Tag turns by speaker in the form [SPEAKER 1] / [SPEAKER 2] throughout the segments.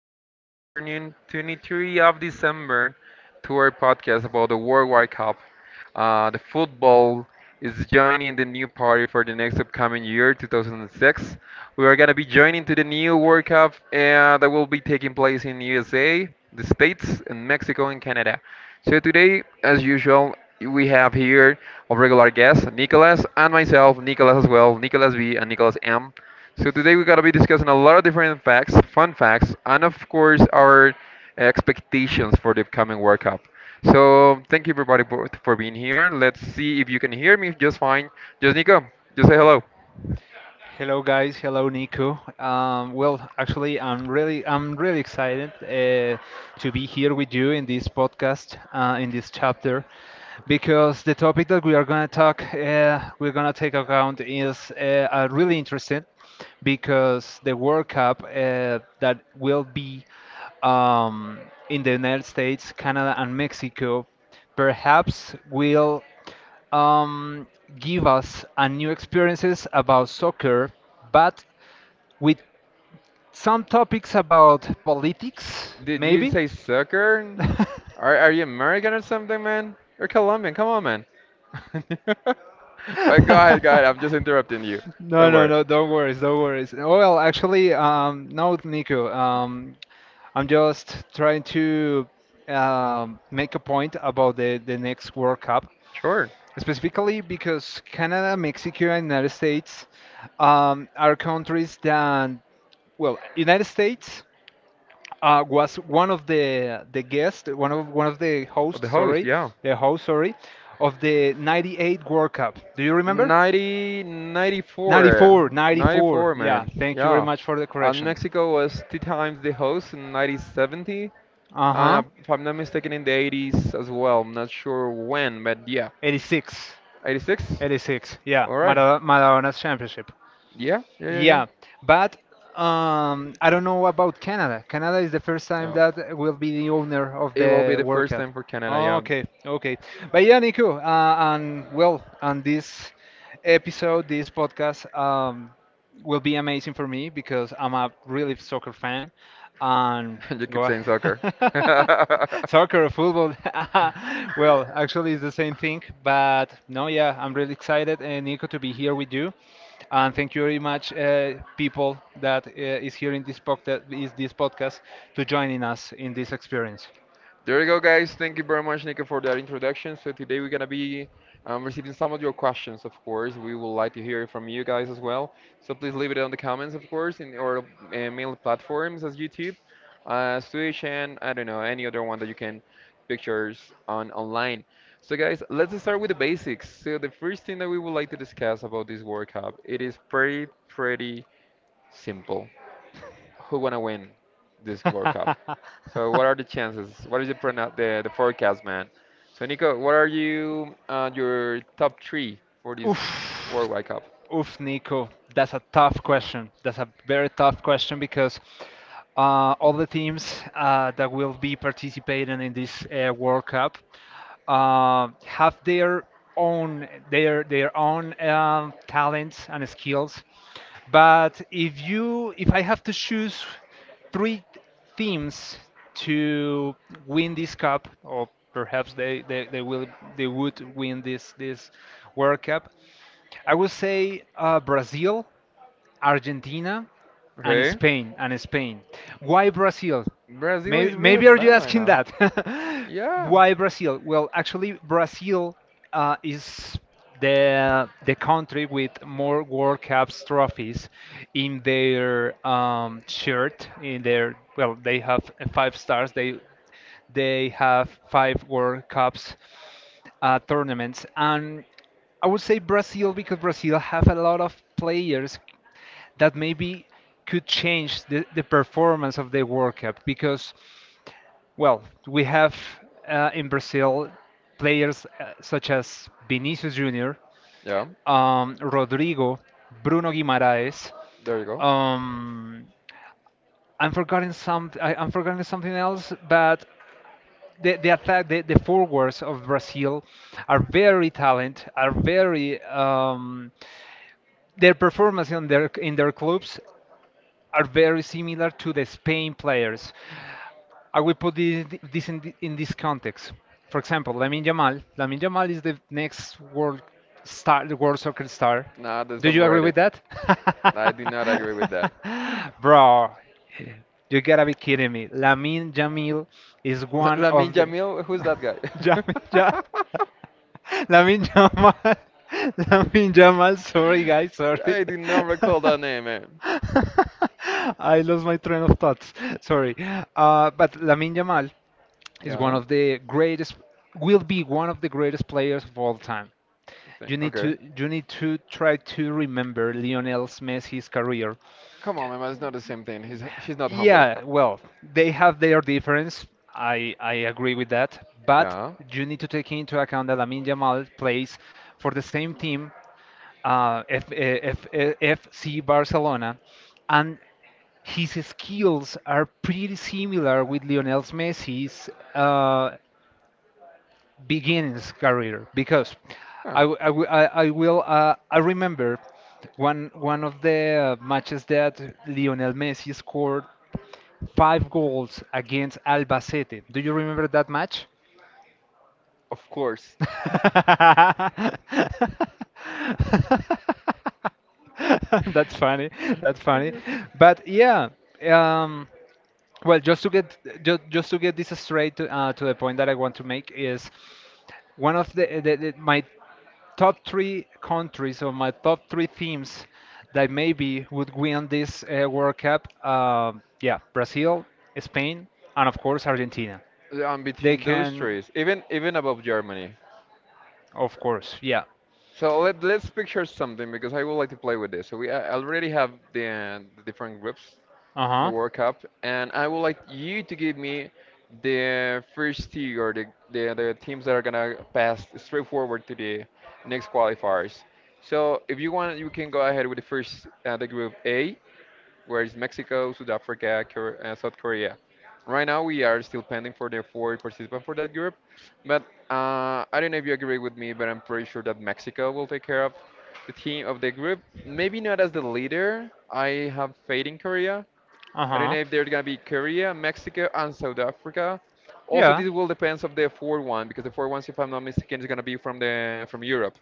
[SPEAKER 1] this afternoon, 23 of December, to our podcast about the World Wide Cup. The football is joining the new party for the next upcoming year, 2006. We are gonna be joining to the new World Cup that will be taking place in USA, the States, and Mexico and Canada. So today, as usual, we have here our regular guest, Nicholas, and myself, Nicholas as well, Nicholas B and Nicholas M. So today we're gonna be discussing a lot of different facts, fun facts, and of course our expectations for the upcoming World Cup. So thank you everybody both for being here. Let's see if you can hear me just fine. Just Nico, just say hello.
[SPEAKER 2] Hello guys, hello Nico. Well, actually, I'm really excited to be here with you in this podcast, in this chapter, because the topic that we're gonna take account is really interesting, because the World Cup that will be um, in the United States, Canada, and Mexico, perhaps will um, give us a new experiences about soccer, but with some topics about politics,
[SPEAKER 1] Did you
[SPEAKER 2] maybe.
[SPEAKER 1] say soccer? Are you American or something, man? You're Colombian. Come on, man. But go ahead, go ahead. I'm just interrupting you.
[SPEAKER 2] no,
[SPEAKER 1] Don't
[SPEAKER 2] no,
[SPEAKER 1] worry.
[SPEAKER 2] no. Don't worry. Don't worry. Well, actually, no, Nico. I'm just trying to make a point about the next World Cup.
[SPEAKER 1] Sure.
[SPEAKER 2] Specifically because Canada, Mexico, and United States are countries that, well, United States was one of the guests, one of the
[SPEAKER 1] Of
[SPEAKER 2] hosts,
[SPEAKER 1] the host,
[SPEAKER 2] sorry,
[SPEAKER 1] yeah.
[SPEAKER 2] the host, sorry, of the '98 World Cup. Do you remember?
[SPEAKER 1] '90,
[SPEAKER 2] '94,
[SPEAKER 1] '94,
[SPEAKER 2] '94.
[SPEAKER 1] '94,
[SPEAKER 2] Yeah,
[SPEAKER 1] man.
[SPEAKER 2] thank you very
[SPEAKER 1] Yeah.
[SPEAKER 2] much for the
[SPEAKER 1] And
[SPEAKER 2] correction.
[SPEAKER 1] Mexico was two times the host in 1970,
[SPEAKER 2] Uh
[SPEAKER 1] and
[SPEAKER 2] huh.
[SPEAKER 1] if I'm not mistaken, in the 80s as well. I'm not sure when, but yeah,
[SPEAKER 2] '86,
[SPEAKER 1] '86.
[SPEAKER 2] '86. Yeah,
[SPEAKER 1] All right.
[SPEAKER 2] Maradona's championship.
[SPEAKER 1] Yeah, yeah, yeah, yeah.
[SPEAKER 2] Yeah, but I don't know about Canada. Canada is the first time
[SPEAKER 1] No.
[SPEAKER 2] that will be the owner of
[SPEAKER 1] It will be
[SPEAKER 2] the
[SPEAKER 1] the
[SPEAKER 2] World
[SPEAKER 1] first
[SPEAKER 2] Cup.
[SPEAKER 1] time for Canada, yeah.
[SPEAKER 2] Okay, okay. But yeah, Nico, and well, on this episode, this podcast, will be amazing for me because I'm a really soccer fan. And
[SPEAKER 1] You keep
[SPEAKER 2] go
[SPEAKER 1] saying
[SPEAKER 2] ahead.
[SPEAKER 1] soccer.
[SPEAKER 2] Soccer or football. Well, actually, it's the same thing. But no, yeah, I'm really excited, and Nico, to be here with you. And thank you very much, people that is here in this podcast, to joining us in this experience.
[SPEAKER 1] There you go, guys. Thank you very much, Nico, for that introduction. So today we're gonna be receiving some of your questions, of course. We would like to hear from you guys as well. So please leave it on the comments, of course, in our mail platforms as YouTube, Twitch, and I don't know any other one that you can pictures on online. So guys, let's start with the basics. So the first thing that we would like to discuss about this World Cup, it is pretty, pretty simple who gonna win this World Cup? So what are the chances? What is the the forecast, man? So Nico, what are your top three for this
[SPEAKER 2] Oof.
[SPEAKER 1] World Wide Cup?
[SPEAKER 2] Oof, Nico. That's a tough question. That's a very tough question because all the teams that will be participating in this World Cup have their own talents and skills. But if I have to choose three teams to win this cup, or perhaps they would win this World Cup. I would say Brazil, Argentina, and
[SPEAKER 1] Okay,
[SPEAKER 2] Spain. Why Brazil?
[SPEAKER 1] Brazil
[SPEAKER 2] Maybe,
[SPEAKER 1] is really
[SPEAKER 2] maybe are you
[SPEAKER 1] bad right
[SPEAKER 2] asking
[SPEAKER 1] now.
[SPEAKER 2] that?
[SPEAKER 1] Yeah,
[SPEAKER 2] Why Brazil? Well, actually, Brazil is the country with more World Cups trophies in their shirt. In their well, they have five stars. They have five World Cups tournaments, and I would say Brazil because Brazil have a lot of players that maybe could change the performance of the World Cup because well, we have in Brazil players such as Vinicius Jr.,
[SPEAKER 1] yeah,
[SPEAKER 2] Rodrigo, Bruno Guimaraes.
[SPEAKER 1] there you go.
[SPEAKER 2] Um, I'm forgetting some. I'm forgetting something else, but the attack, the forwards of Brazil are very talented. Are very their performance in their clubs are very similar to the Spain players. I will put this in this context. For example, Lamine Yamal. Lamine Yamal is the next world star, the world soccer star.
[SPEAKER 1] Nah, that's
[SPEAKER 2] Do you agree
[SPEAKER 1] overrated.
[SPEAKER 2] with that?
[SPEAKER 1] I do not agree with that.
[SPEAKER 2] Bro, you gotta be kidding me. Lamine Jamil is one
[SPEAKER 1] Lamin
[SPEAKER 2] of the.
[SPEAKER 1] Jamil, who's that guy?
[SPEAKER 2] Jamil, Lamine Jamal. Lamine Jamal. Sorry, guys. Sorry.
[SPEAKER 1] I do not recall that name, man.
[SPEAKER 2] I lost my train of thoughts. Sorry. But Lamine Yamal is one
[SPEAKER 1] Yeah,
[SPEAKER 2] of the greatest, will be one of the greatest players of all time.
[SPEAKER 1] I think.
[SPEAKER 2] You need
[SPEAKER 1] Okay.
[SPEAKER 2] to you need to try to remember Lionel Messi's career.
[SPEAKER 1] Come on, my man. It's not the same thing. He's not humble.
[SPEAKER 2] Yeah, well, they have their difference. I agree with that, but
[SPEAKER 1] Yeah.
[SPEAKER 2] you need to take into account that Lamine Yamal plays for the same team, FC Barcelona, and his skills are pretty similar with Lionel Messi's. Uh, Beginnings career because
[SPEAKER 1] Huh.
[SPEAKER 2] I w- I w- I will I remember one of the matches that Lionel Messi scored five goals against Albacete. Do you remember that match?
[SPEAKER 1] Of course.
[SPEAKER 2] That's funny. That's funny. But yeah, um, well, just to get this straight to the point that I want to make is one of the my top three countries or my top three themes that maybe would win this World Cup. Yeah, Brazil, Spain, and of course Argentina.
[SPEAKER 1] I'm
[SPEAKER 2] They
[SPEAKER 1] between those
[SPEAKER 2] can,
[SPEAKER 1] trees, even above Germany.
[SPEAKER 2] of course, yeah.
[SPEAKER 1] So let's picture something because I would like to play with this. So we I already have the different groups from
[SPEAKER 2] Uh
[SPEAKER 1] the
[SPEAKER 2] huh.
[SPEAKER 1] World Cup, and I would like you to give me the first two or the teams that are gonna pass straight forward to the next qualifiers. So if you want, you can go ahead with the group A, where is Mexico, South Africa, South Korea. Right now, we are still pending for the four participants for that group, but I don't know if you agree with me, but I'm pretty sure that Mexico will take care of the team of the group. Maybe not as the leader. I have faith in Korea.
[SPEAKER 2] Uh
[SPEAKER 1] I don't
[SPEAKER 2] huh.
[SPEAKER 1] know if there's gonna be Korea, Mexico, and South Africa. Also,
[SPEAKER 2] Yeah,
[SPEAKER 1] this will depends of the four one because the four ones, if I'm not mistaken, is gonna be from the from Europe.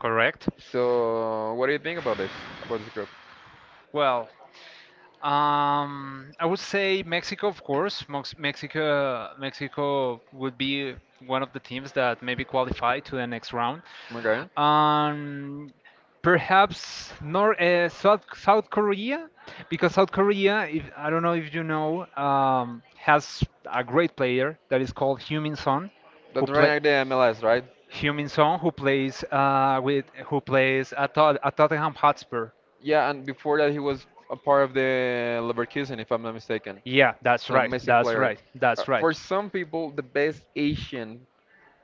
[SPEAKER 2] correct.
[SPEAKER 1] So, what do you think about this group?
[SPEAKER 2] Well, I would say Mexico, of course. Mexico would be one of the teams that maybe qualify to the next round.
[SPEAKER 1] Okay,
[SPEAKER 2] Um, Perhaps North, South South Korea, because South Korea, if, I don't know if you know, has a great player that is called Heung-min Son, who
[SPEAKER 1] that's right
[SPEAKER 2] play.
[SPEAKER 1] now the MLS, right?
[SPEAKER 2] Heung-min Son, who plays with who plays at, Tot- at Tottenham Hotspur.
[SPEAKER 1] Yeah, and before that, he was a part of the Leverkusen, if I'm not mistaken.
[SPEAKER 2] Yeah, that's
[SPEAKER 1] He's an
[SPEAKER 2] right.
[SPEAKER 1] amazing
[SPEAKER 2] That's
[SPEAKER 1] player.
[SPEAKER 2] right.
[SPEAKER 1] Uh,
[SPEAKER 2] That's right.
[SPEAKER 1] for some people, the best Asian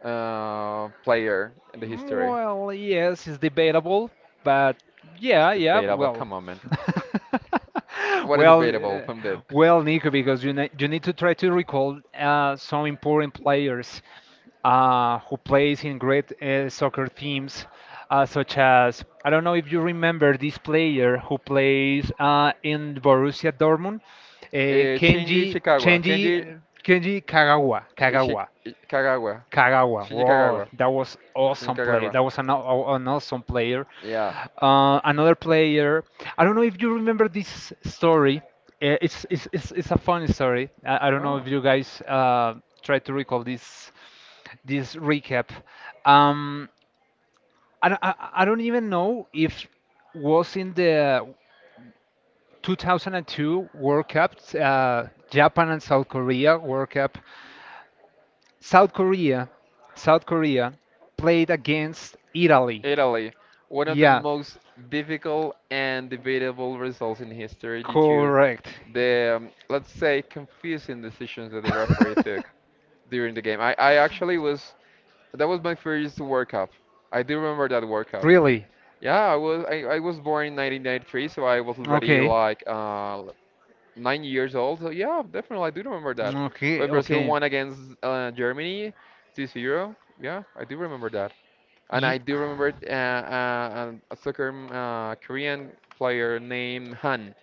[SPEAKER 1] player in the history.
[SPEAKER 2] Well, yes, it's debatable, but yeah, yeah,
[SPEAKER 1] Debatable,
[SPEAKER 2] well.
[SPEAKER 1] come on, man. What is
[SPEAKER 2] Well,
[SPEAKER 1] debatable
[SPEAKER 2] uh,
[SPEAKER 1] from that?
[SPEAKER 2] well, Nico, because you need to try to recall some important players who plays in great soccer teams, such as I don't know if you remember this player who plays in Borussia Dortmund,
[SPEAKER 1] Shinji
[SPEAKER 2] Kenji
[SPEAKER 1] Chikawa.
[SPEAKER 2] Kenji
[SPEAKER 1] Kenji.
[SPEAKER 2] Kenji
[SPEAKER 1] Kagawa,
[SPEAKER 2] Kagawa.
[SPEAKER 1] Ishi,
[SPEAKER 2] Kagawa.
[SPEAKER 1] Kagawa, Kagawa.
[SPEAKER 2] Kagawa.
[SPEAKER 1] Shinji
[SPEAKER 2] Wow,
[SPEAKER 1] Kagawa.
[SPEAKER 2] that was
[SPEAKER 1] Shinji
[SPEAKER 2] awesome play.
[SPEAKER 1] Kagawa.
[SPEAKER 2] That was an awesome player.
[SPEAKER 1] Yeah.
[SPEAKER 2] Another player. I don't know if you remember this story. It's a funny story. I don't know
[SPEAKER 1] Oh.
[SPEAKER 2] if you guys try to recall this recap. Um, I don't even know if was in the 2002 World Cup, Japan and South Korea World Cup. South Korea, South Korea played against Italy.
[SPEAKER 1] Italy. One of the
[SPEAKER 2] Yeah,
[SPEAKER 1] most difficult and debatable results in history due to
[SPEAKER 2] correct.
[SPEAKER 1] the let's say, confusing decisions that the referee took during the game. I actually was. That was my first World Cup. I do remember that World Cup.
[SPEAKER 2] Really?
[SPEAKER 1] Yeah, I was born in 1993, so I was already
[SPEAKER 2] Okay.
[SPEAKER 1] like 9 years old. So yeah, definitely I do remember that.
[SPEAKER 2] Okay.
[SPEAKER 1] When Brazil
[SPEAKER 2] Okay.
[SPEAKER 1] won against Germany 2-0, yeah, I do remember that. And I
[SPEAKER 2] Ye-
[SPEAKER 1] do remember a soccer Korean player named Han,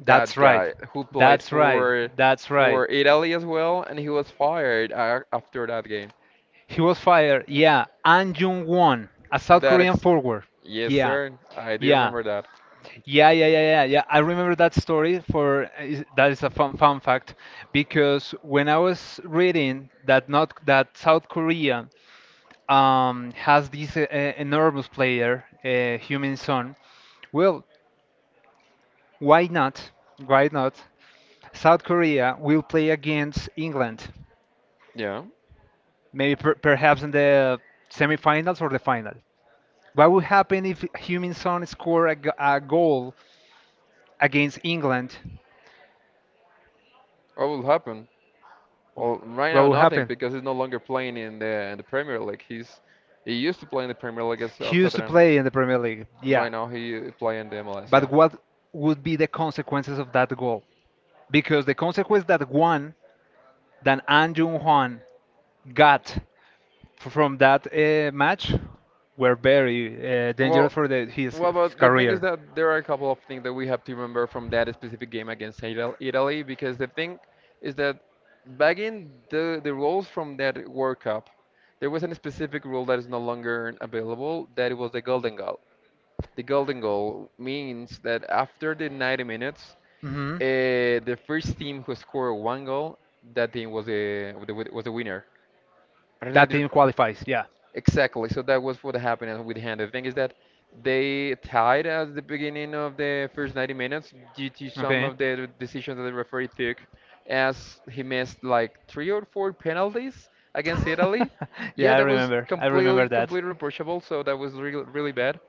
[SPEAKER 2] That's
[SPEAKER 1] that
[SPEAKER 2] right.
[SPEAKER 1] guy who played
[SPEAKER 2] That's right.
[SPEAKER 1] for
[SPEAKER 2] That's right.
[SPEAKER 1] Italy as well, and he was fired a after that game.
[SPEAKER 2] He was fired. Yeah, An Jung Won, a South
[SPEAKER 1] That
[SPEAKER 2] Korean forward.
[SPEAKER 1] Yes,
[SPEAKER 2] Yeah.
[SPEAKER 1] sir. I do
[SPEAKER 2] Yeah.
[SPEAKER 1] remember that.
[SPEAKER 2] Yeah, yeah, yeah, yeah, yeah. I remember that story that is a fun fact because when I was reading that not that South Korea has this enormous player, Human Son. Well, why not? Why not? South Korea will play against England,
[SPEAKER 1] Yeah.
[SPEAKER 2] maybe perhaps in the semifinals or the final. What would happen if Human Son score a goal against England?
[SPEAKER 1] What will happen? Well, right
[SPEAKER 2] What
[SPEAKER 1] now
[SPEAKER 2] will
[SPEAKER 1] nothing
[SPEAKER 2] happen?
[SPEAKER 1] because he's no longer playing in the Premier League. He used to play in the Premier League as
[SPEAKER 2] He used to
[SPEAKER 1] Tottenham.
[SPEAKER 2] play in the Premier League, yeah.
[SPEAKER 1] Right now he play in the MLS.
[SPEAKER 2] But
[SPEAKER 1] Yeah.
[SPEAKER 2] what would be the consequences of that goal? Because the consequence that one, that An Jung Hwan got from that match were very dangerous
[SPEAKER 1] Well,
[SPEAKER 2] for the, his,
[SPEAKER 1] well,
[SPEAKER 2] his
[SPEAKER 1] but the thing is
[SPEAKER 2] career.
[SPEAKER 1] that there are a couple of things that we have to remember from that specific game against Italy because the thing is that back in the rules from that World Cup, there was a specific rule that is no longer available that it was the golden goal. The golden goal means that after the 90 minutes,
[SPEAKER 2] Hmm.
[SPEAKER 1] the first team who scored one goal, that team was the winner. I don't know.
[SPEAKER 2] That
[SPEAKER 1] If
[SPEAKER 2] team qualifies,
[SPEAKER 1] you-
[SPEAKER 2] yeah.
[SPEAKER 1] Exactly. So that was what happened with Hand. The thing is that they tied at the beginning of the first 90 minutes due to some
[SPEAKER 2] Okay.
[SPEAKER 1] of the decisions that the referee took, as he missed like three or four penalties against Italy. Yeah,
[SPEAKER 2] Yeah, I
[SPEAKER 1] that was
[SPEAKER 2] remember. I
[SPEAKER 1] completely,
[SPEAKER 2] remember that.
[SPEAKER 1] completely reproachable. So that was really, really bad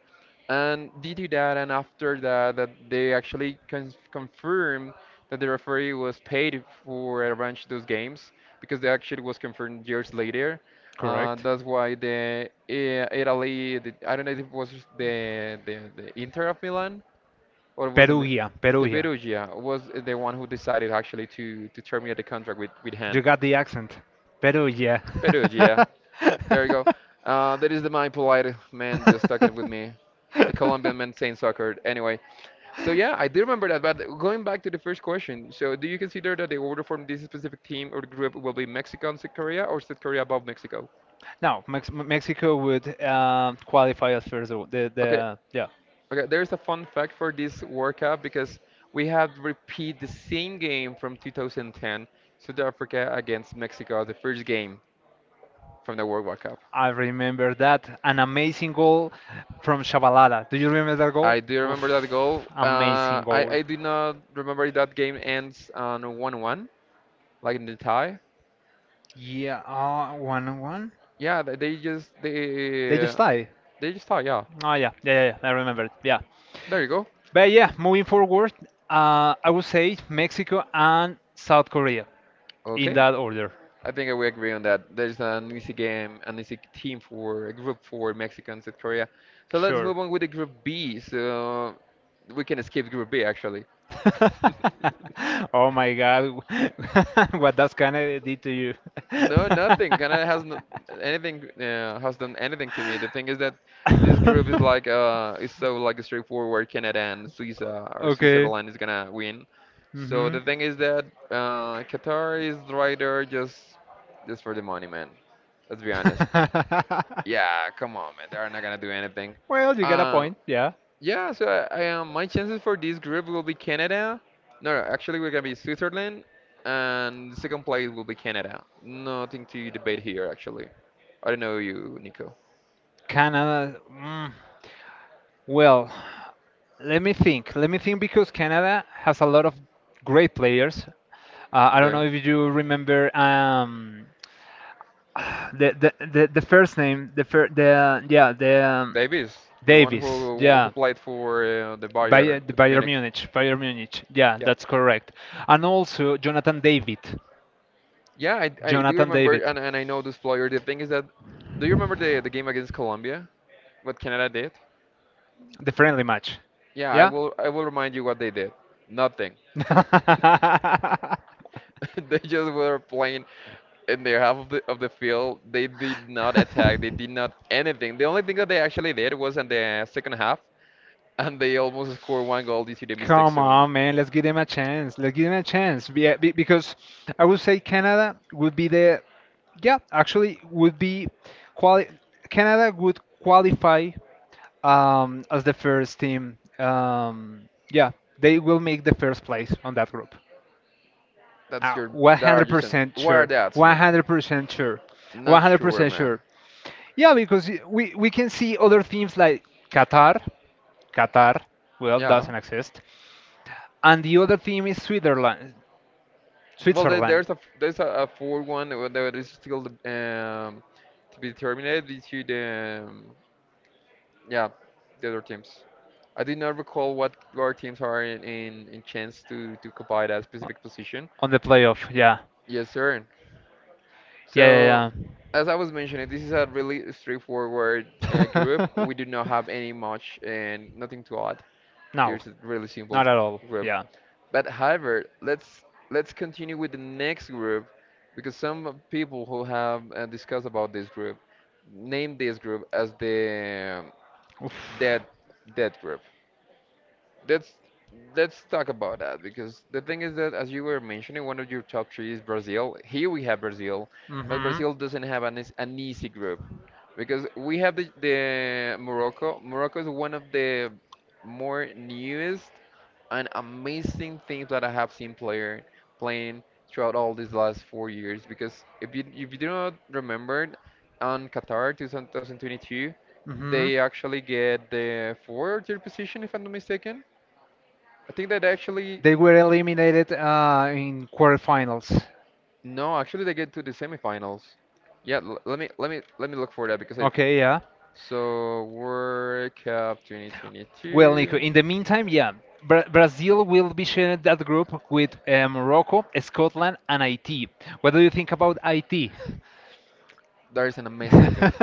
[SPEAKER 1] and they to that, and after that, that they actually confirm that the referee was paid for arrange those games because the action was confirmed years later. Uh,
[SPEAKER 2] Correct.
[SPEAKER 1] that's why the Italy, the, I don't know if it was the Inter of Milan or it was the Mi-
[SPEAKER 2] Perugia,
[SPEAKER 1] the
[SPEAKER 2] Perugia.
[SPEAKER 1] Perugia was the one who decided actually to terminate the contract with Han.
[SPEAKER 2] You got the accent. Perugia.
[SPEAKER 1] Perugia. There you go. That is the my polite man just talking with me, the Colombian man saying soccer. Anyway, so yeah, I do remember that. But going back to the first question, so do you consider that the order from this specific team or group will be Mexico and South Korea, or South Korea above Mexico?
[SPEAKER 2] No, Mexico would qualify as first, though.
[SPEAKER 1] Okay,
[SPEAKER 2] The yeah,
[SPEAKER 1] okay. There's a fun fact for this World Cup because we have repeat the same game from 2010, South Africa against Mexico, the first game from the World Cup.
[SPEAKER 2] I remember that an amazing goal from Shabalala. Do you remember that goal?
[SPEAKER 1] I do remember that
[SPEAKER 2] Oof,
[SPEAKER 1] goal. Uh,
[SPEAKER 2] amazing
[SPEAKER 1] I
[SPEAKER 2] goal.
[SPEAKER 1] I do not remember that game ends on 1-1, like in the tie.
[SPEAKER 2] Yeah, 1-1.
[SPEAKER 1] Yeah,
[SPEAKER 2] They just tied.
[SPEAKER 1] they just tie. Yeah,
[SPEAKER 2] Oh yeah, yeah, yeah, yeah, I remember it. Yeah,
[SPEAKER 1] there you go.
[SPEAKER 2] but yeah, moving forward, I would say Mexico and South Korea in
[SPEAKER 1] Okay, yeah.
[SPEAKER 2] that order.
[SPEAKER 1] I think we agree on that. There's an easy game, an easy team for a group for Mexico and South Korea. So let's
[SPEAKER 2] Sure.
[SPEAKER 1] move on with the group B. So we can skip group B actually.
[SPEAKER 2] Oh my God. What does Canada did to you?
[SPEAKER 1] No, nothing. Canada has not anything has done anything to me. The thing is that this group is so like straightforward. Canada and Swiss or
[SPEAKER 2] Okay.
[SPEAKER 1] Switzerland is gonna win. So
[SPEAKER 2] Hmm.
[SPEAKER 1] the thing is that Qatar is right there just for the money, man. Let's be honest. Yeah, come on, man. They are not gonna do anything.
[SPEAKER 2] Well, you got a
[SPEAKER 1] Uh,
[SPEAKER 2] point. Yeah.
[SPEAKER 1] yeah, so I my chances for this group will be Canada. No, no, actually we're gonna be Switzerland, and the second place will be Canada. Nothing to debate here, actually. I don't know you, Nico.
[SPEAKER 2] Canada. Well, let me think. Let me think because Canada has a lot of great players. I don't
[SPEAKER 1] Okay,
[SPEAKER 2] know if you remember the first name, the fir- the yeah the
[SPEAKER 1] Davis, the one
[SPEAKER 2] Davis,
[SPEAKER 1] who
[SPEAKER 2] yeah,
[SPEAKER 1] played for the Bayern
[SPEAKER 2] Bayern
[SPEAKER 1] Munich.
[SPEAKER 2] Munich, Bayern Munich, yeah,
[SPEAKER 1] Yep.
[SPEAKER 2] that's correct, and also Jonathan David,
[SPEAKER 1] Yeah, I do
[SPEAKER 2] Jonathan
[SPEAKER 1] remember,
[SPEAKER 2] David.
[SPEAKER 1] and I know this player. The thing is that, do you remember the game against Colombia? What Canada did?
[SPEAKER 2] The friendly match.
[SPEAKER 1] Yeah,
[SPEAKER 2] Yeah?
[SPEAKER 1] I will remind you what they did. Nothing. They just were playing in their half of the field. They did not attack. They did not anything. The only thing that they actually did was in the second half, and they almost scored one goal due to the mistakes.
[SPEAKER 2] Come
[SPEAKER 1] So
[SPEAKER 2] on, man. Let's give them a chance. Let's give them a chance. Because I would say Canada would be the, yeah, actually would be quali Canada would qualify as the first team. Yeah, they will make the first place on that group.
[SPEAKER 1] that's your that are just in-
[SPEAKER 2] 100%
[SPEAKER 1] what are
[SPEAKER 2] sure.
[SPEAKER 1] the odds, man?
[SPEAKER 2] 100% sure.
[SPEAKER 1] Not sure,
[SPEAKER 2] 100%
[SPEAKER 1] man.
[SPEAKER 2] sure. Yeah, because we can see other teams like Qatar. Qatar, well,
[SPEAKER 1] Yeah.
[SPEAKER 2] doesn't exist and the other team is Switzerland.
[SPEAKER 1] Well,
[SPEAKER 2] Switzerland.
[SPEAKER 1] there's a f- there's a fourth one that is still to be determined due to the yeah, the other teams. I did not recall what our teams are in chance to occupy that
[SPEAKER 2] O-
[SPEAKER 1] specific position.
[SPEAKER 2] On the playoff, yeah,
[SPEAKER 1] Yes, sir.
[SPEAKER 2] yeah, yeah,
[SPEAKER 1] So,
[SPEAKER 2] yeah.
[SPEAKER 1] as I was mentioning, this is a really straightforward group. We do not have any much and nothing to add.
[SPEAKER 2] No,
[SPEAKER 1] There's a really simple
[SPEAKER 2] not at all.
[SPEAKER 1] group.
[SPEAKER 2] Yeah.
[SPEAKER 1] But however, let's continue with the next group because some people who have discussed about this group name this group as the
[SPEAKER 2] Oof.
[SPEAKER 1] dead dead group. Let's let's talk about that because the thing is that as you were mentioning, one of your top three is Brazil. Here we have Brazil, but
[SPEAKER 2] Mhm.
[SPEAKER 1] Brazil doesn't have an, an easy group because we have the Morocco. Morocco is one of the more newest and amazing things that I have seen player playing throughout all these last 4 years. Because if you do not remember, on Qatar 2022,
[SPEAKER 2] Hmm.
[SPEAKER 1] they actually get the fourth or third position if I'm not mistaken. I think that actually
[SPEAKER 2] They were eliminated in quarterfinals.
[SPEAKER 1] no, actually they get to the semifinals. Yeah, l let me let me look for that because I
[SPEAKER 2] Okay, yeah.
[SPEAKER 1] so World Cup
[SPEAKER 2] Well,
[SPEAKER 1] 2022.
[SPEAKER 2] Nico, in the meantime, yeah, Brazil will be sharing that group with Morocco, Scotland, and IT. What do you think about IT?
[SPEAKER 1] That is an amazing thing.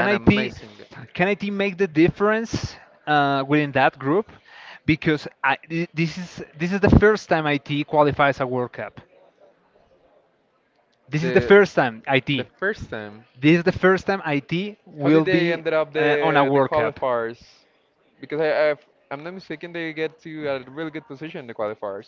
[SPEAKER 1] An
[SPEAKER 2] IT
[SPEAKER 1] amazing thing.
[SPEAKER 2] can IT make the difference within that group? Because I, thi- this is the first time IT qualifies a World Cup. This is
[SPEAKER 1] The
[SPEAKER 2] the first time
[SPEAKER 1] the
[SPEAKER 2] IT.
[SPEAKER 1] first time.
[SPEAKER 2] This is the first time IT
[SPEAKER 1] How
[SPEAKER 2] will
[SPEAKER 1] did they
[SPEAKER 2] be
[SPEAKER 1] ended up
[SPEAKER 2] on a
[SPEAKER 1] the
[SPEAKER 2] World Cup.
[SPEAKER 1] qualifiers? Because I'm not mistaken, they get to a really good position in the qualifiers.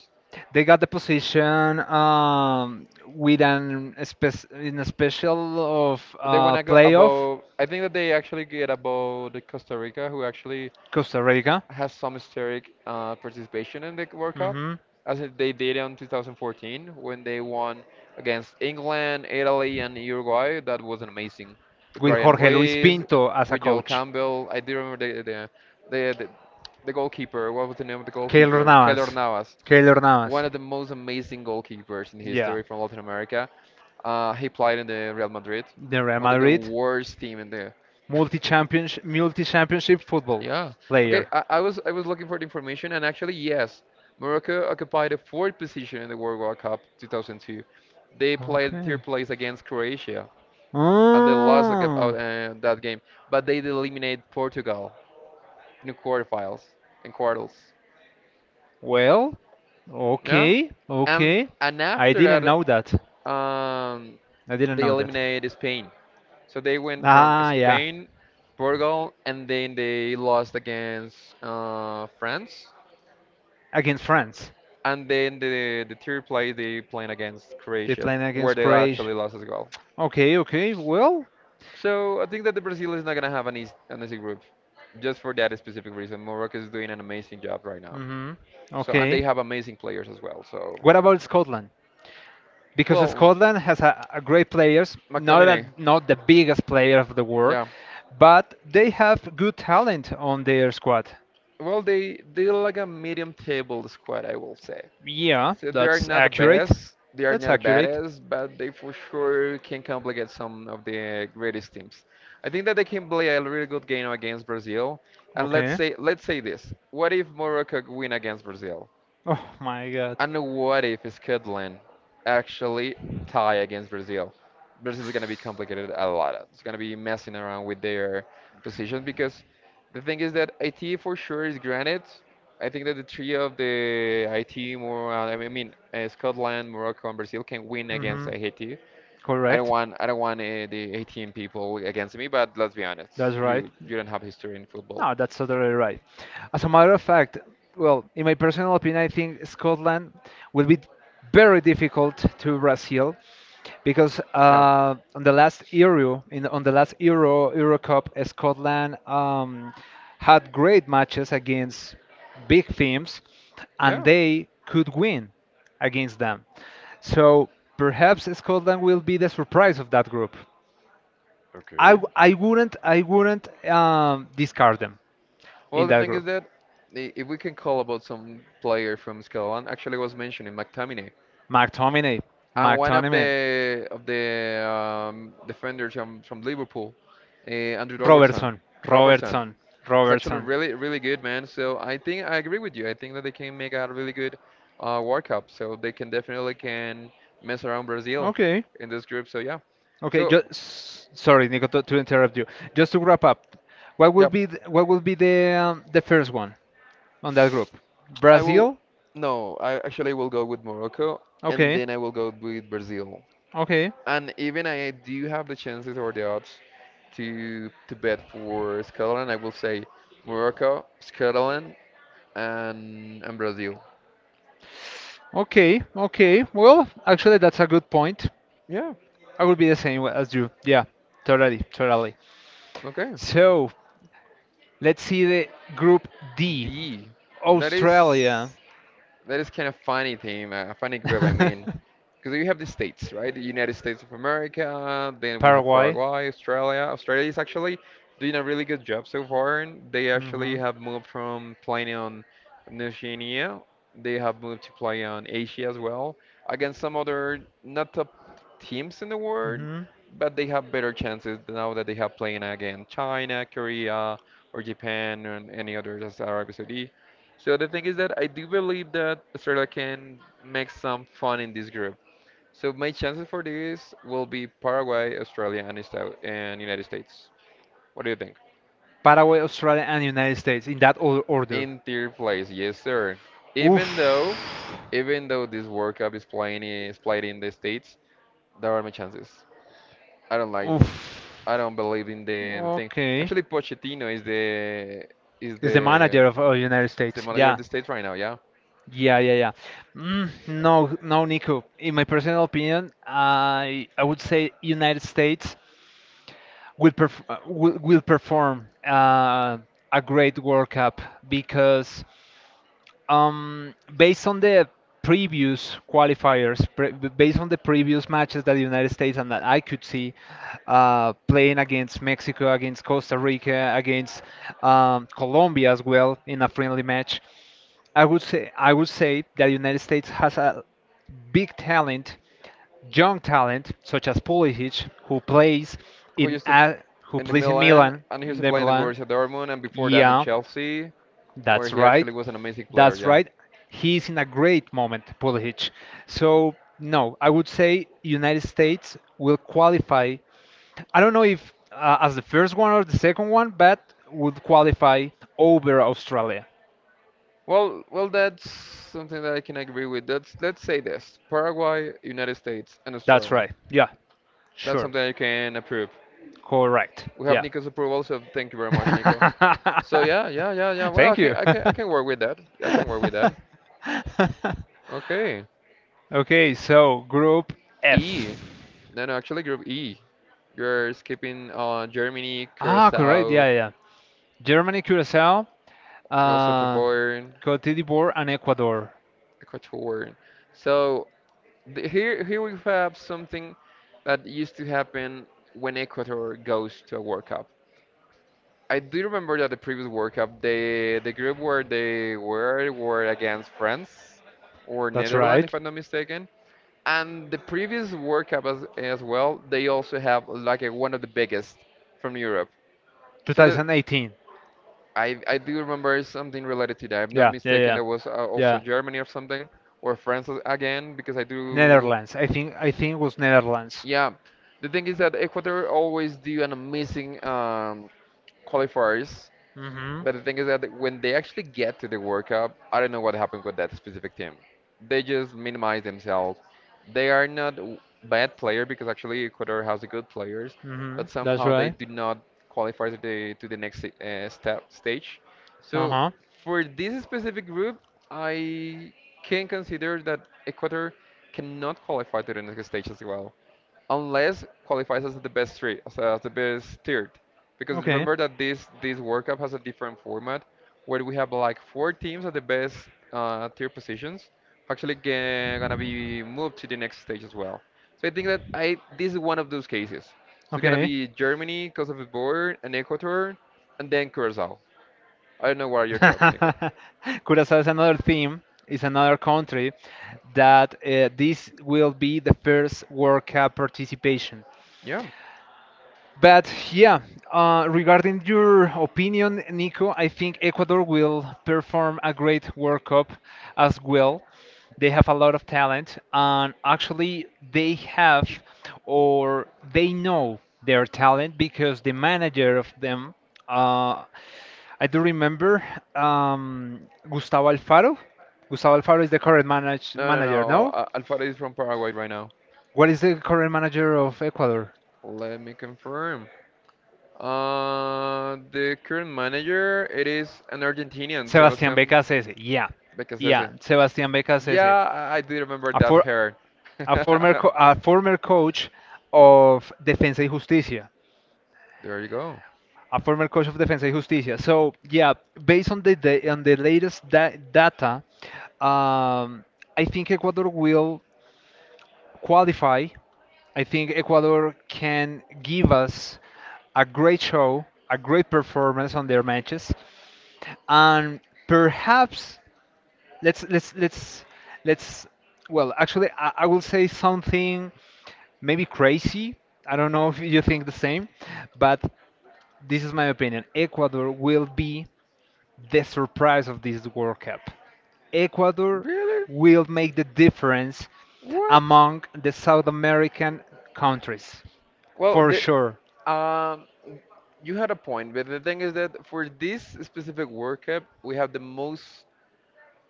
[SPEAKER 2] They got the position with an spec- in a special of
[SPEAKER 1] They wanna go
[SPEAKER 2] playoff
[SPEAKER 1] above. I think that they actually get above the Costa Rica, who actually
[SPEAKER 2] Costa Rica.
[SPEAKER 1] has some historic participation in the World Cup,
[SPEAKER 2] Hmm.
[SPEAKER 1] as they did in 2014 when they won against England, Italy, and Uruguay. That was amazing. With
[SPEAKER 2] With
[SPEAKER 1] Brian
[SPEAKER 2] Jorge Luis
[SPEAKER 1] Ruiz,
[SPEAKER 2] Pinto as a
[SPEAKER 1] with Joel
[SPEAKER 2] coach.
[SPEAKER 1] Campbell. I do remember the the, the, the goalkeeper. What was the name of the
[SPEAKER 2] Keylor
[SPEAKER 1] goalkeeper? Keylor
[SPEAKER 2] Navas.
[SPEAKER 1] Navas,
[SPEAKER 2] Keylor Navas.
[SPEAKER 1] one of the most amazing goalkeepers in
[SPEAKER 2] Yeah.
[SPEAKER 1] history from Latin America. He played in the Real Madrid,
[SPEAKER 2] The Real
[SPEAKER 1] one of the
[SPEAKER 2] Madrid
[SPEAKER 1] worst team in the.
[SPEAKER 2] multi championship football
[SPEAKER 1] yeah. Okay.
[SPEAKER 2] player.
[SPEAKER 1] I was looking for the information, and actually yes, Morocco occupied the fourth position in the World War Cup 2002. They played
[SPEAKER 2] Okay.
[SPEAKER 1] third place against Croatia, and they lost
[SPEAKER 2] Oh.
[SPEAKER 1] that game, but they eliminated Portugal in the quarterfinals and quarters.
[SPEAKER 2] Well,
[SPEAKER 1] Yeah.
[SPEAKER 2] okay,
[SPEAKER 1] And
[SPEAKER 2] okay. I
[SPEAKER 1] after
[SPEAKER 2] didn't
[SPEAKER 1] that,
[SPEAKER 2] know that. I didn't
[SPEAKER 1] they
[SPEAKER 2] know that.
[SPEAKER 1] eliminated Spain. So they went from
[SPEAKER 2] Ah, yeah.
[SPEAKER 1] Spain, Portugal, and then they lost against France.
[SPEAKER 2] Against France.
[SPEAKER 1] And then the third play they played against
[SPEAKER 2] They
[SPEAKER 1] Croatia,
[SPEAKER 2] playing
[SPEAKER 1] where
[SPEAKER 2] against
[SPEAKER 1] they
[SPEAKER 2] Croatia.
[SPEAKER 1] actually lost as well.
[SPEAKER 2] Okay, okay. Well,
[SPEAKER 1] So I think that the Brazil is not gonna have an easy group, just for that specific reason. Morocco is doing an amazing job right now.
[SPEAKER 2] mhm.
[SPEAKER 1] So and they
[SPEAKER 2] Okay.
[SPEAKER 1] have amazing players as well. So,
[SPEAKER 2] What about Scotland? Because
[SPEAKER 1] well,
[SPEAKER 2] Scotland has a great players, not a,
[SPEAKER 1] McTominay.
[SPEAKER 2] not the biggest player of the world,
[SPEAKER 1] Yeah.
[SPEAKER 2] but they have good talent on their squad.
[SPEAKER 1] Well, they they're like a medium table squad, I will say.
[SPEAKER 2] Yeah,
[SPEAKER 1] So they are
[SPEAKER 2] that's
[SPEAKER 1] not the
[SPEAKER 2] accurate.
[SPEAKER 1] best, they are
[SPEAKER 2] That's
[SPEAKER 1] not the
[SPEAKER 2] accurate.
[SPEAKER 1] baddest, but they for sure can complicate some of the greatest teams. I think that they can play a really good game against Brazil. And
[SPEAKER 2] Okay.
[SPEAKER 1] let's say this: what if Morocco win against Brazil?
[SPEAKER 2] Oh my God.
[SPEAKER 1] And what if Scotland actually tie against Brazil? Brazil is going to be complicated a lot. It's going to be messing around with their positions because the thing is that IT for sure is granted. I think that the three of the IT, more I mean Scotland, Morocco, and Brazil can win against
[SPEAKER 2] Hmm.
[SPEAKER 1] Haiti.
[SPEAKER 2] Correct.
[SPEAKER 1] I don't want the 18 people against me, but let's be honest,
[SPEAKER 2] That's right.
[SPEAKER 1] you don't have history in football.
[SPEAKER 2] No, that's totally right. As a matter of fact, well, in my personal opinion, I think Scotland will be very difficult to Brazil because
[SPEAKER 1] Yeah.
[SPEAKER 2] on the last Euro, in on the last Euro Euro Cup, Scotland had great matches against big teams,
[SPEAKER 1] Yeah.
[SPEAKER 2] and they could win against them. So perhaps Scotland will be the surprise of that group. I wouldn't discard them
[SPEAKER 1] Well,
[SPEAKER 2] in
[SPEAKER 1] the
[SPEAKER 2] that
[SPEAKER 1] thing is
[SPEAKER 2] group.
[SPEAKER 1] that if we can call about some player from Scotland, actually was mentioning McTominay,
[SPEAKER 2] McTominay,
[SPEAKER 1] and one of
[SPEAKER 2] McTominay,
[SPEAKER 1] the defenders from Liverpool, Andrew Robertson.
[SPEAKER 2] Robertson,
[SPEAKER 1] Robertson,
[SPEAKER 2] Robertson,
[SPEAKER 1] he's actually
[SPEAKER 2] Robertson.
[SPEAKER 1] really really good man. So I think I agree with you. I think that they can make a really good World Cup. So they can definitely can mess around Brazil
[SPEAKER 2] Okay.
[SPEAKER 1] in this group. So yeah.
[SPEAKER 2] Okay.
[SPEAKER 1] So
[SPEAKER 2] Just sorry, Nico, to interrupt you. Just to wrap up,
[SPEAKER 1] yeah,
[SPEAKER 2] what will be the first one on that group?
[SPEAKER 1] I will.
[SPEAKER 2] Brazil.
[SPEAKER 1] No, I actually will go with Morocco, and
[SPEAKER 2] Okay.
[SPEAKER 1] then I will go with Brazil.
[SPEAKER 2] Okay.
[SPEAKER 1] And even I do have the chances or the odds to bet for Scotland, I will say Morocco, Scotland, and Brazil.
[SPEAKER 2] Okay. Okay. Well, actually, that's a good point.
[SPEAKER 1] Yeah.
[SPEAKER 2] I would be the same as you. Yeah. Totally. Totally.
[SPEAKER 1] Okay.
[SPEAKER 2] So let's see the group D.
[SPEAKER 1] D. That is
[SPEAKER 2] Australia.
[SPEAKER 1] kind of funny team, a funny group. I mean, because you have the states, right? The United States of America, then we have
[SPEAKER 2] Paraguay.
[SPEAKER 1] Paraguay, Australia. Australia is actually doing a really good job so far. And they actually
[SPEAKER 2] Hmm.
[SPEAKER 1] have moved from playing on Oceania, they have moved to play on Asia as well, against some other not top teams in the world,
[SPEAKER 2] Hmm.
[SPEAKER 1] but they have better chances now that they have playing against China, Korea, or Japan, and any others as Arabia Saudi. So the thing is that I do believe that Australia can make some fun in this group. So my chances for this will be Paraguay, Australia, and United States. What do you think?
[SPEAKER 2] Paraguay, Australia, and United States in that order.
[SPEAKER 1] In third place, yes, sir.
[SPEAKER 2] Oof.
[SPEAKER 1] Even though, even though this World Cup is played in the States, there are my chances. I don't like,
[SPEAKER 2] Oof.
[SPEAKER 1] I don't believe in the thing.
[SPEAKER 2] Okay.
[SPEAKER 1] Actually, Pochettino is the is
[SPEAKER 2] Is the
[SPEAKER 1] the
[SPEAKER 2] manager of United
[SPEAKER 1] is the
[SPEAKER 2] States?
[SPEAKER 1] manager
[SPEAKER 2] Yeah.
[SPEAKER 1] of the States right now. Yeah,
[SPEAKER 2] Yeah, yeah, yeah. Mm, no, no, Nico. In my personal opinion, I would say United States will will perform a great World Cup because. Based on the previous qualifiers, based on the previous matches that the United States and that I could see playing against Mexico, against Costa Rica, against Colombia as well in a friendly match, I would say that the United States has a big talent, young talent such as Pulisic, who plays
[SPEAKER 1] who
[SPEAKER 2] in
[SPEAKER 1] used to
[SPEAKER 2] a who
[SPEAKER 1] in the
[SPEAKER 2] plays in
[SPEAKER 1] Milan,
[SPEAKER 2] Milan,
[SPEAKER 1] and he used
[SPEAKER 2] in
[SPEAKER 1] to
[SPEAKER 2] the
[SPEAKER 1] play in the
[SPEAKER 2] Milan.
[SPEAKER 1] Borussia Dortmund, and before that in
[SPEAKER 2] Yeah,
[SPEAKER 1] Chelsea, where
[SPEAKER 2] that's
[SPEAKER 1] he
[SPEAKER 2] right.
[SPEAKER 1] actually was an amazing player.
[SPEAKER 2] That's
[SPEAKER 1] Yeah.
[SPEAKER 2] right. He's in a great moment, Pulisic. So no, I would say United States will qualify. I don't know if as the first one or the second one, but would qualify over Australia.
[SPEAKER 1] Well, well, that's something that I can agree with. That's let's say this: Paraguay, United States, and
[SPEAKER 2] That's
[SPEAKER 1] Australia.
[SPEAKER 2] right. Yeah,
[SPEAKER 1] That's
[SPEAKER 2] sure.
[SPEAKER 1] something I can approve.
[SPEAKER 2] Correct.
[SPEAKER 1] We have
[SPEAKER 2] Yeah.
[SPEAKER 1] Nico's approval, so thank you very much, Nico. So yeah. Well,
[SPEAKER 2] Thank you.
[SPEAKER 1] I can work with that. I can work with that. Okay.
[SPEAKER 2] Okay, so Group
[SPEAKER 1] E.
[SPEAKER 2] F.
[SPEAKER 1] No, no, actually, Group E. You're skipping Germany,
[SPEAKER 2] Ah, correct. Yeah,
[SPEAKER 1] Curacao,
[SPEAKER 2] yeah, yeah. Germany, Curacao,
[SPEAKER 1] also
[SPEAKER 2] uh,
[SPEAKER 1] Favorin.
[SPEAKER 2] Cote d'Ivoire, and Ecuador.
[SPEAKER 1] Ecuadorian. So here, we have something that used to happen when Ecuador goes to a World Cup. I do remember that the previous World Cup, the group where they were against France or
[SPEAKER 2] That's
[SPEAKER 1] Netherlands, if
[SPEAKER 2] right.
[SPEAKER 1] I'm not mistaken. And the previous World Cup as well, they also have like a, one of the biggest from Europe. So
[SPEAKER 2] 2018.
[SPEAKER 1] I do remember something related to that. If I'm not
[SPEAKER 2] Yeah, yeah,
[SPEAKER 1] mistaken,
[SPEAKER 2] yeah,
[SPEAKER 1] that was also
[SPEAKER 2] yeah.
[SPEAKER 1] Germany or something, or France again, because I do.
[SPEAKER 2] Netherlands. I think it was Netherlands.
[SPEAKER 1] Yeah, the thing is that Ecuador always do an amazing qualifiers
[SPEAKER 2] Hmm. Hmm.
[SPEAKER 1] but the thing is that when they actually get to the World Cup, I don't know what happened with that specific team. They just minimize themselves. They are not bad player because actually Ecuador has good players, but
[SPEAKER 2] That's
[SPEAKER 1] somehow they
[SPEAKER 2] right.
[SPEAKER 1] do not qualify to the next step stage.
[SPEAKER 2] Uh
[SPEAKER 1] So
[SPEAKER 2] huh.
[SPEAKER 1] for this specific group, I can consider that Ecuador cannot qualify to the next stage as well, unless qualifies as the best three, as the best third because
[SPEAKER 2] Okay.
[SPEAKER 1] remember that this World Cup has a different format where we have like four teams at the best tier positions actually gonna be moved to the next stage as well. So I think that I this is one of those cases. So it's gonna
[SPEAKER 2] Okay.
[SPEAKER 1] be Germany, Coast of Ivory, and Ecuador, and then Curacao. I don't know what are your thoughts, Nico.
[SPEAKER 2] Curacao is another theme, is another country that this will be the first World Cup participation.
[SPEAKER 1] Yeah.
[SPEAKER 2] But yeah, regarding your opinion, Nico, I think Ecuador will perform a great World Cup as well. They have a lot of talent, and actually, they have or they know their talent because the manager of them, uh, I do remember, um, Gustavo Alfaro. Gustavo Alfaro is the current
[SPEAKER 1] No, no,
[SPEAKER 2] manager,
[SPEAKER 1] no.
[SPEAKER 2] no?
[SPEAKER 1] Uh, Alfaro is from Paraguay right now.
[SPEAKER 2] What is the current manager of Ecuador?
[SPEAKER 1] Let me confirm. The current manager, it is an Argentinian,
[SPEAKER 2] Sebastián
[SPEAKER 1] Sebastián.
[SPEAKER 2] Beca Cese. Yeah.
[SPEAKER 1] Yeah,
[SPEAKER 2] Yeah.
[SPEAKER 1] Becasese.
[SPEAKER 2] Sebastián Beca
[SPEAKER 1] Yeah,
[SPEAKER 2] Cese.
[SPEAKER 1] I do remember
[SPEAKER 2] A,
[SPEAKER 1] that
[SPEAKER 2] for,
[SPEAKER 1] hair.
[SPEAKER 2] a former co- a former coach of Defensa y Justicia,
[SPEAKER 1] There you go.
[SPEAKER 2] a former coach of Defensa y Justicia. So yeah, based on the on the latest data, um, I think Ecuador will qualify, I think Ecuador can give us a great show, a great performance on their matches, and perhaps let's let's let's let's well actually, I will say something maybe crazy. I don't know if you think the same, but this is my opinion. Ecuador will be the surprise of this World Cup. Ecuador
[SPEAKER 1] Really?
[SPEAKER 2] will make the difference
[SPEAKER 1] What?
[SPEAKER 2] among the South American countries,
[SPEAKER 1] Well,
[SPEAKER 2] for sure.
[SPEAKER 1] um, you had a point, but the thing is that for this specific World Cup, we have the most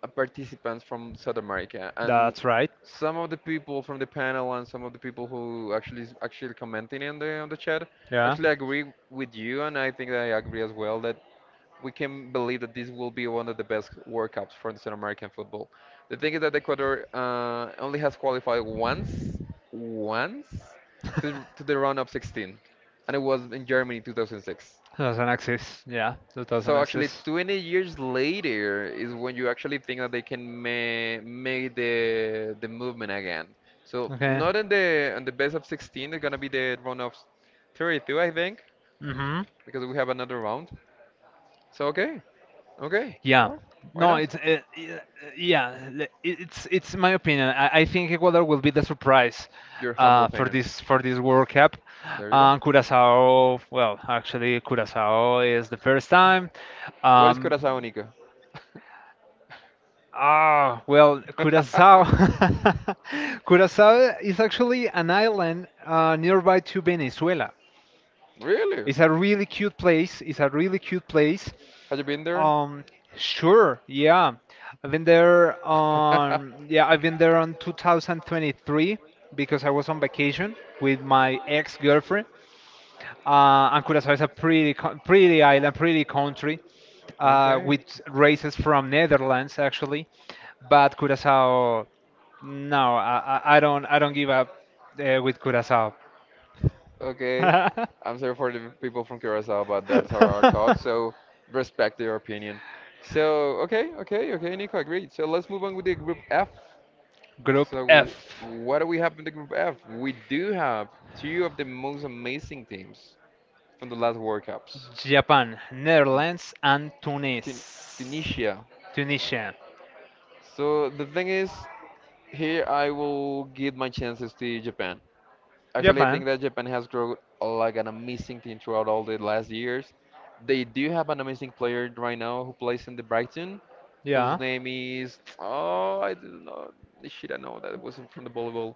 [SPEAKER 1] participants from South America, and
[SPEAKER 2] That's right.
[SPEAKER 1] some of the people from the panel and some of the people who actually commenting in the on the chat
[SPEAKER 2] Yeah.
[SPEAKER 1] actually agree with you, and I think I agree as well that we can believe that this will be one of the best World Cups for the South American football. The thing is that Ecuador only has qualified once, once to the round of 16, and it was in Germany 2006.
[SPEAKER 2] doesn't exist. Yeah, that doesn't
[SPEAKER 1] So actually,
[SPEAKER 2] exist.
[SPEAKER 1] 20 years later is when you actually think that they can ma make the movement again. So
[SPEAKER 2] Okay.
[SPEAKER 1] not in the best of 16, they're gonna be the round of 32, I think,
[SPEAKER 2] Mm-hmm.
[SPEAKER 1] because we have another round. So okay, okay,
[SPEAKER 2] Yeah.
[SPEAKER 1] well, why
[SPEAKER 2] No,
[SPEAKER 1] not?
[SPEAKER 2] it's yeah. It's my opinion. I think Ecuador will be the surprise
[SPEAKER 1] Your humble
[SPEAKER 2] for
[SPEAKER 1] opinion.
[SPEAKER 2] this World Cup.
[SPEAKER 1] There you go.
[SPEAKER 2] Curaçao, well, actually, Curaçao is the first time.
[SPEAKER 1] What is
[SPEAKER 2] Um,
[SPEAKER 1] Curacao, Nico?
[SPEAKER 2] Ah, well, Curaçao. Curaçao is actually an island nearby to Venezuela.
[SPEAKER 1] Really?
[SPEAKER 2] It's a really cute place. It's a really cute place.
[SPEAKER 1] Have you been there?
[SPEAKER 2] Um, sure, yeah. I've been there on, yeah, I've been there on 2023 because I was on vacation with my ex-girlfriend. And Curaçao is a pretty, pretty island, pretty country,
[SPEAKER 1] Okay.
[SPEAKER 2] with races from Netherlands actually. But Curaçao, no, I don't give up with Curaçao.
[SPEAKER 1] Okay. I'm sorry for the people from Curacao, but that's how our thoughts. So respect their opinion. So okay, Nico, agreed. So let's move on with the group F.
[SPEAKER 2] Group
[SPEAKER 1] So
[SPEAKER 2] F.
[SPEAKER 1] what do we have in the group F? We do have two of the most amazing teams from the last World Cups.
[SPEAKER 2] Japan, Netherlands, and
[SPEAKER 1] Tun-
[SPEAKER 2] Tunis.
[SPEAKER 1] Tunisia.
[SPEAKER 2] Tunisia.
[SPEAKER 1] So the thing is, here I will give my chances to Japan. Actually, I
[SPEAKER 2] Japan.
[SPEAKER 1] think that Japan has grown like an amazing team throughout all the last years. They do have an amazing player right now who plays in the Brighton, whose
[SPEAKER 2] Yeah.
[SPEAKER 1] name is oh I don't know shit I know that wasn't from the volleyball.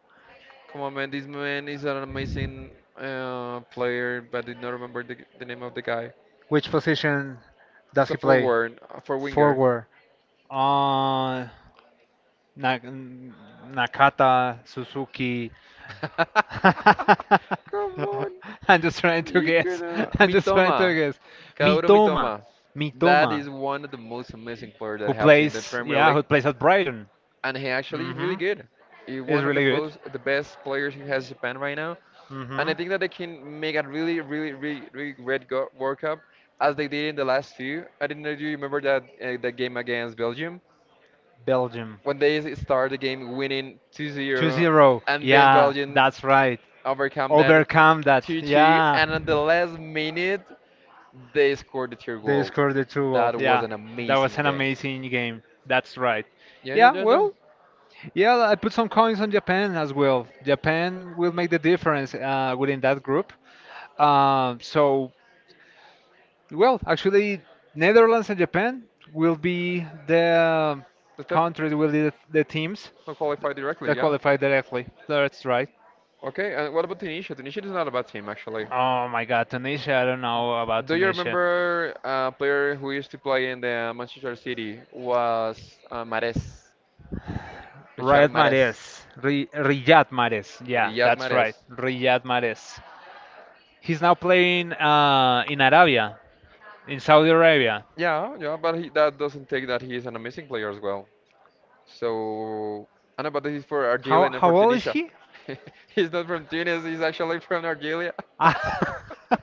[SPEAKER 1] Come on man, this man is an amazing player, but I did not remember the name of the guy.
[SPEAKER 2] Which position
[SPEAKER 1] It's
[SPEAKER 2] does
[SPEAKER 1] a
[SPEAKER 2] he play?
[SPEAKER 1] forward, a four winger.
[SPEAKER 2] Forward. Uh, Nakata, Suzuki,
[SPEAKER 1] Come on.
[SPEAKER 2] I'm just trying to
[SPEAKER 1] You could
[SPEAKER 2] guess.
[SPEAKER 1] have.
[SPEAKER 2] I'm just trying
[SPEAKER 1] Mitoma.
[SPEAKER 2] to guess.
[SPEAKER 1] Kaoru
[SPEAKER 2] Mitoma,
[SPEAKER 1] Mitoma. That
[SPEAKER 2] Mitoma,
[SPEAKER 1] is one of the most amazing players that I
[SPEAKER 2] who
[SPEAKER 1] have seen in the
[SPEAKER 2] plays,
[SPEAKER 1] Premier
[SPEAKER 2] yeah,
[SPEAKER 1] League.
[SPEAKER 2] who plays at Brighton.
[SPEAKER 1] And he actually is
[SPEAKER 2] Hmm.
[SPEAKER 1] really good. He's
[SPEAKER 2] Is
[SPEAKER 1] one of
[SPEAKER 2] really good.
[SPEAKER 1] the best players who has Japan right now. And
[SPEAKER 2] Hmm.
[SPEAKER 1] I think that they can make a really, really, really, really World Cup as they did in the last few. I didn't know, do you remember that that game against Belgium
[SPEAKER 2] Belgium.
[SPEAKER 1] when they start the game winning two
[SPEAKER 2] two
[SPEAKER 1] zero,
[SPEAKER 2] zero.
[SPEAKER 1] and then
[SPEAKER 2] Yeah,
[SPEAKER 1] Belgium
[SPEAKER 2] that's right.
[SPEAKER 1] overcome that
[SPEAKER 2] Overcome that.
[SPEAKER 1] 2-2,
[SPEAKER 2] Yeah.
[SPEAKER 1] and at the last minute they scored the third
[SPEAKER 2] They
[SPEAKER 1] goal.
[SPEAKER 2] scored the two goal.
[SPEAKER 1] That was
[SPEAKER 2] Yeah,
[SPEAKER 1] an
[SPEAKER 2] that was
[SPEAKER 1] amazing
[SPEAKER 2] an
[SPEAKER 1] game.
[SPEAKER 2] amazing game. That's right.
[SPEAKER 1] Yeah, yeah,
[SPEAKER 2] Yeah,
[SPEAKER 1] yeah, yeah.
[SPEAKER 2] well, yeah, I put some coins on Japan as well. Japan will make the difference within that group. So, well, actually, Netherlands and Japan will be the
[SPEAKER 1] The step
[SPEAKER 2] the teams
[SPEAKER 1] will
[SPEAKER 2] th-
[SPEAKER 1] qualify directly,
[SPEAKER 2] that
[SPEAKER 1] yeah.
[SPEAKER 2] qualify directly. That's right.
[SPEAKER 1] Okay, and what about Tunisia? Tunisia is not a bad team, actually.
[SPEAKER 2] Oh my God, Tunisia! I don't know about
[SPEAKER 1] Do you
[SPEAKER 2] Tunisia.
[SPEAKER 1] remember a player who used to play in the Manchester City was Mahrez, Richard
[SPEAKER 2] Riyad Mahrez.
[SPEAKER 1] Mahrez,
[SPEAKER 2] Riyad Mahrez. Yeah,
[SPEAKER 1] Riyad
[SPEAKER 2] that's right.
[SPEAKER 1] Mahrez?
[SPEAKER 2] Riyad Mahrez. He's now playing in Saudi Arabia.
[SPEAKER 1] Yeah, yeah, but he, that doesn't take that he is an amazing player as well. So, I know, but this is for Argelia
[SPEAKER 2] How
[SPEAKER 1] and not for
[SPEAKER 2] old is
[SPEAKER 1] Tunisia.
[SPEAKER 2] he?
[SPEAKER 1] He's not from Tunis, he's actually from Argelia.
[SPEAKER 2] Ah,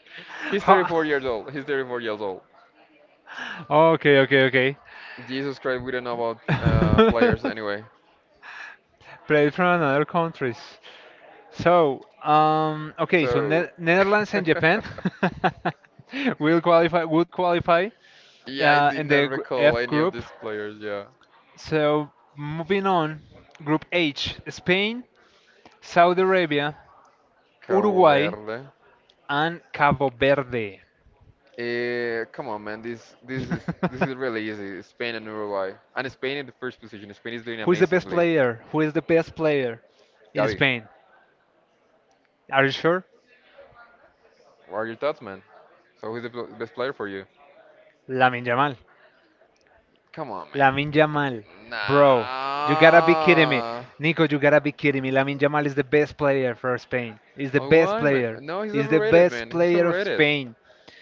[SPEAKER 1] He's
[SPEAKER 2] How-
[SPEAKER 1] 34 years old. He's 34 years old.
[SPEAKER 2] okay, okay, okay.
[SPEAKER 1] Jesus Christ, we don't know about players anyway.
[SPEAKER 2] Played from another countries. So, okay, so
[SPEAKER 1] So,
[SPEAKER 2] Netherlands and Japan will qualify. Would qualify.
[SPEAKER 1] yeah, I
[SPEAKER 2] Uh,
[SPEAKER 1] did
[SPEAKER 2] in
[SPEAKER 1] not
[SPEAKER 2] the
[SPEAKER 1] recall
[SPEAKER 2] F
[SPEAKER 1] any of
[SPEAKER 2] group.
[SPEAKER 1] these players. Yeah,
[SPEAKER 2] So moving on, Group H: Spain, Saudi Arabia,
[SPEAKER 1] Cabo
[SPEAKER 2] Uruguay,
[SPEAKER 1] Verde.
[SPEAKER 2] and Cabo Verde.
[SPEAKER 1] Come on, man. This this is really easy. Spain and Uruguay, and Spain in the first position. Spain is doing amazingly.
[SPEAKER 2] Who is the best player in
[SPEAKER 1] Gavi,
[SPEAKER 2] Spain? Are you sure?
[SPEAKER 1] what are your thoughts, man? So who's the best player for you?
[SPEAKER 2] Lamine Yamal.
[SPEAKER 1] Come on, man.
[SPEAKER 2] Lamin Yamal, bro, you gotta be kidding me.
[SPEAKER 1] Nah.
[SPEAKER 2] Nico, you gotta be kidding me. Lamin Yamal is the best player for Spain. He's the
[SPEAKER 1] Oh,
[SPEAKER 2] best
[SPEAKER 1] why, man?
[SPEAKER 2] player.
[SPEAKER 1] No, he's
[SPEAKER 2] He's the
[SPEAKER 1] overrated,
[SPEAKER 2] best
[SPEAKER 1] man. He's
[SPEAKER 2] player of
[SPEAKER 1] overrated.
[SPEAKER 2] Spain.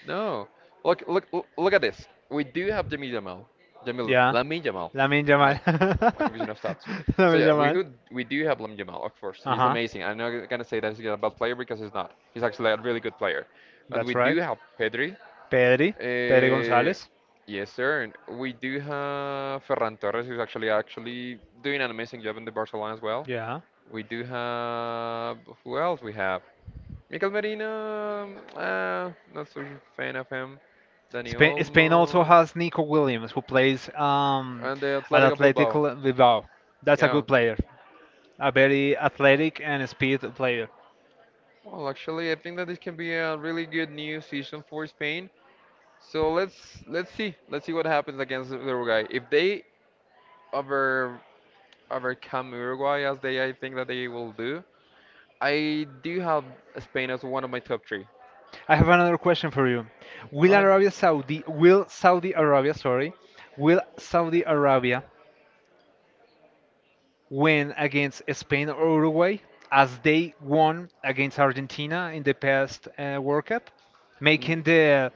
[SPEAKER 1] No. Look, look, look at this. We do have Jamil Jamal. Jamil,
[SPEAKER 2] Yeah.
[SPEAKER 1] Lamin Jamal.
[SPEAKER 2] Lamin
[SPEAKER 1] My,
[SPEAKER 2] Yamal.
[SPEAKER 1] my confusion of stats. So
[SPEAKER 2] Lamin
[SPEAKER 1] yeah, we
[SPEAKER 2] Yamal.
[SPEAKER 1] who we do have Lamin Jamal, of course.
[SPEAKER 2] Uh
[SPEAKER 1] He's
[SPEAKER 2] huh.
[SPEAKER 1] amazing. I'm not gonna say that he's a bad player because he's not. He's actually a really good player. But
[SPEAKER 2] That's
[SPEAKER 1] we do
[SPEAKER 2] right.
[SPEAKER 1] have Pedri.
[SPEAKER 2] Pedri. Pedri
[SPEAKER 1] Uh,
[SPEAKER 2] Gonzalez.
[SPEAKER 1] yes, sir. And we do have Ferran Torres, who's actually doing an amazing job in the Barcelona as well.
[SPEAKER 2] Yeah.
[SPEAKER 1] We do have, who else we have? Mikel Merino. Not so fan of him. Dani
[SPEAKER 2] Spain also
[SPEAKER 1] Olmo,
[SPEAKER 2] has Nico Williams, who plays
[SPEAKER 1] and the
[SPEAKER 2] at
[SPEAKER 1] Atletico
[SPEAKER 2] Athletic
[SPEAKER 1] Bilbao.
[SPEAKER 2] Bilbao. That's a
[SPEAKER 1] Yeah.
[SPEAKER 2] good player, a very athletic and speed player.
[SPEAKER 1] Well, actually, I think that this can be a really good new season for Spain. So let's see let's see what happens against Uruguay. If they over overcome Uruguay as they, I think that they will do, I do have Spain as one of my top three.
[SPEAKER 2] I have another question for you.
[SPEAKER 1] Go ahead.
[SPEAKER 2] Will Saudi Arabia, sorry, will Saudi Arabia win against Spain or Uruguay as they won against Argentina in the past World Cup,
[SPEAKER 1] Mm.
[SPEAKER 2] making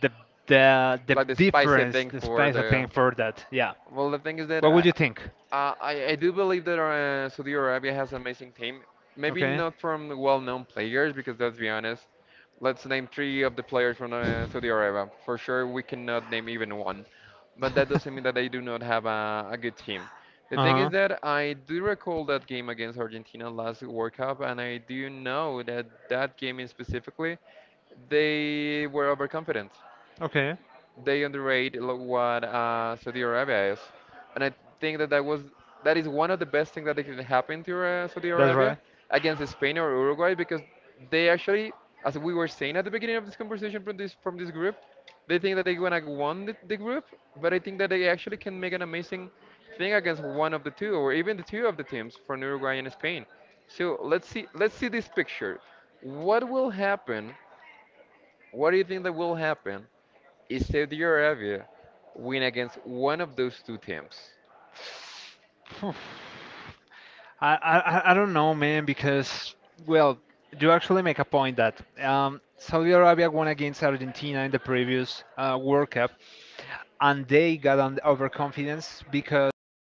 [SPEAKER 2] the
[SPEAKER 1] Yeah.
[SPEAKER 2] the
[SPEAKER 1] Like the spicy
[SPEAKER 2] difference,
[SPEAKER 1] thing
[SPEAKER 2] the
[SPEAKER 1] for
[SPEAKER 2] space I
[SPEAKER 1] the.
[SPEAKER 2] think for that. Yeah.
[SPEAKER 1] Well, the thing is that
[SPEAKER 2] What
[SPEAKER 1] I,
[SPEAKER 2] would you think?
[SPEAKER 1] I, I I do believe that Saudi Arabia has an amazing team. Maybe
[SPEAKER 2] Okay.
[SPEAKER 1] not from the well-known players, because let's be honest, let's name three of the players from Saudi Arabia. For sure, we cannot name even one. But that doesn't mean that they do not have a good team. The thing is
[SPEAKER 2] Uh huh.
[SPEAKER 1] that I do recall that game against Argentina last World Cup, and I do know that that game in specifically, they were overconfident,
[SPEAKER 2] Okay.
[SPEAKER 1] they what Saudi Arabia is, and I think that that was that is one of the best things that can happen to Saudi
[SPEAKER 2] That's
[SPEAKER 1] Arabia
[SPEAKER 2] right.
[SPEAKER 1] against Spain or Uruguay, because they actually, as we were saying at the beginning of this conversation from this group, they think that they're gonna won the group, but I think that they actually can make an amazing thing against one of the two or even the two of the teams from Uruguay and Spain. So let's see this picture. What will happen? What do you think that will happen? Saudi Arabia win against one of those two teams.
[SPEAKER 2] Phew. I don't know, man, because well, you actually make a point that Saudi Arabia won against Argentina in the previous World Cup, and they got an overconfidence because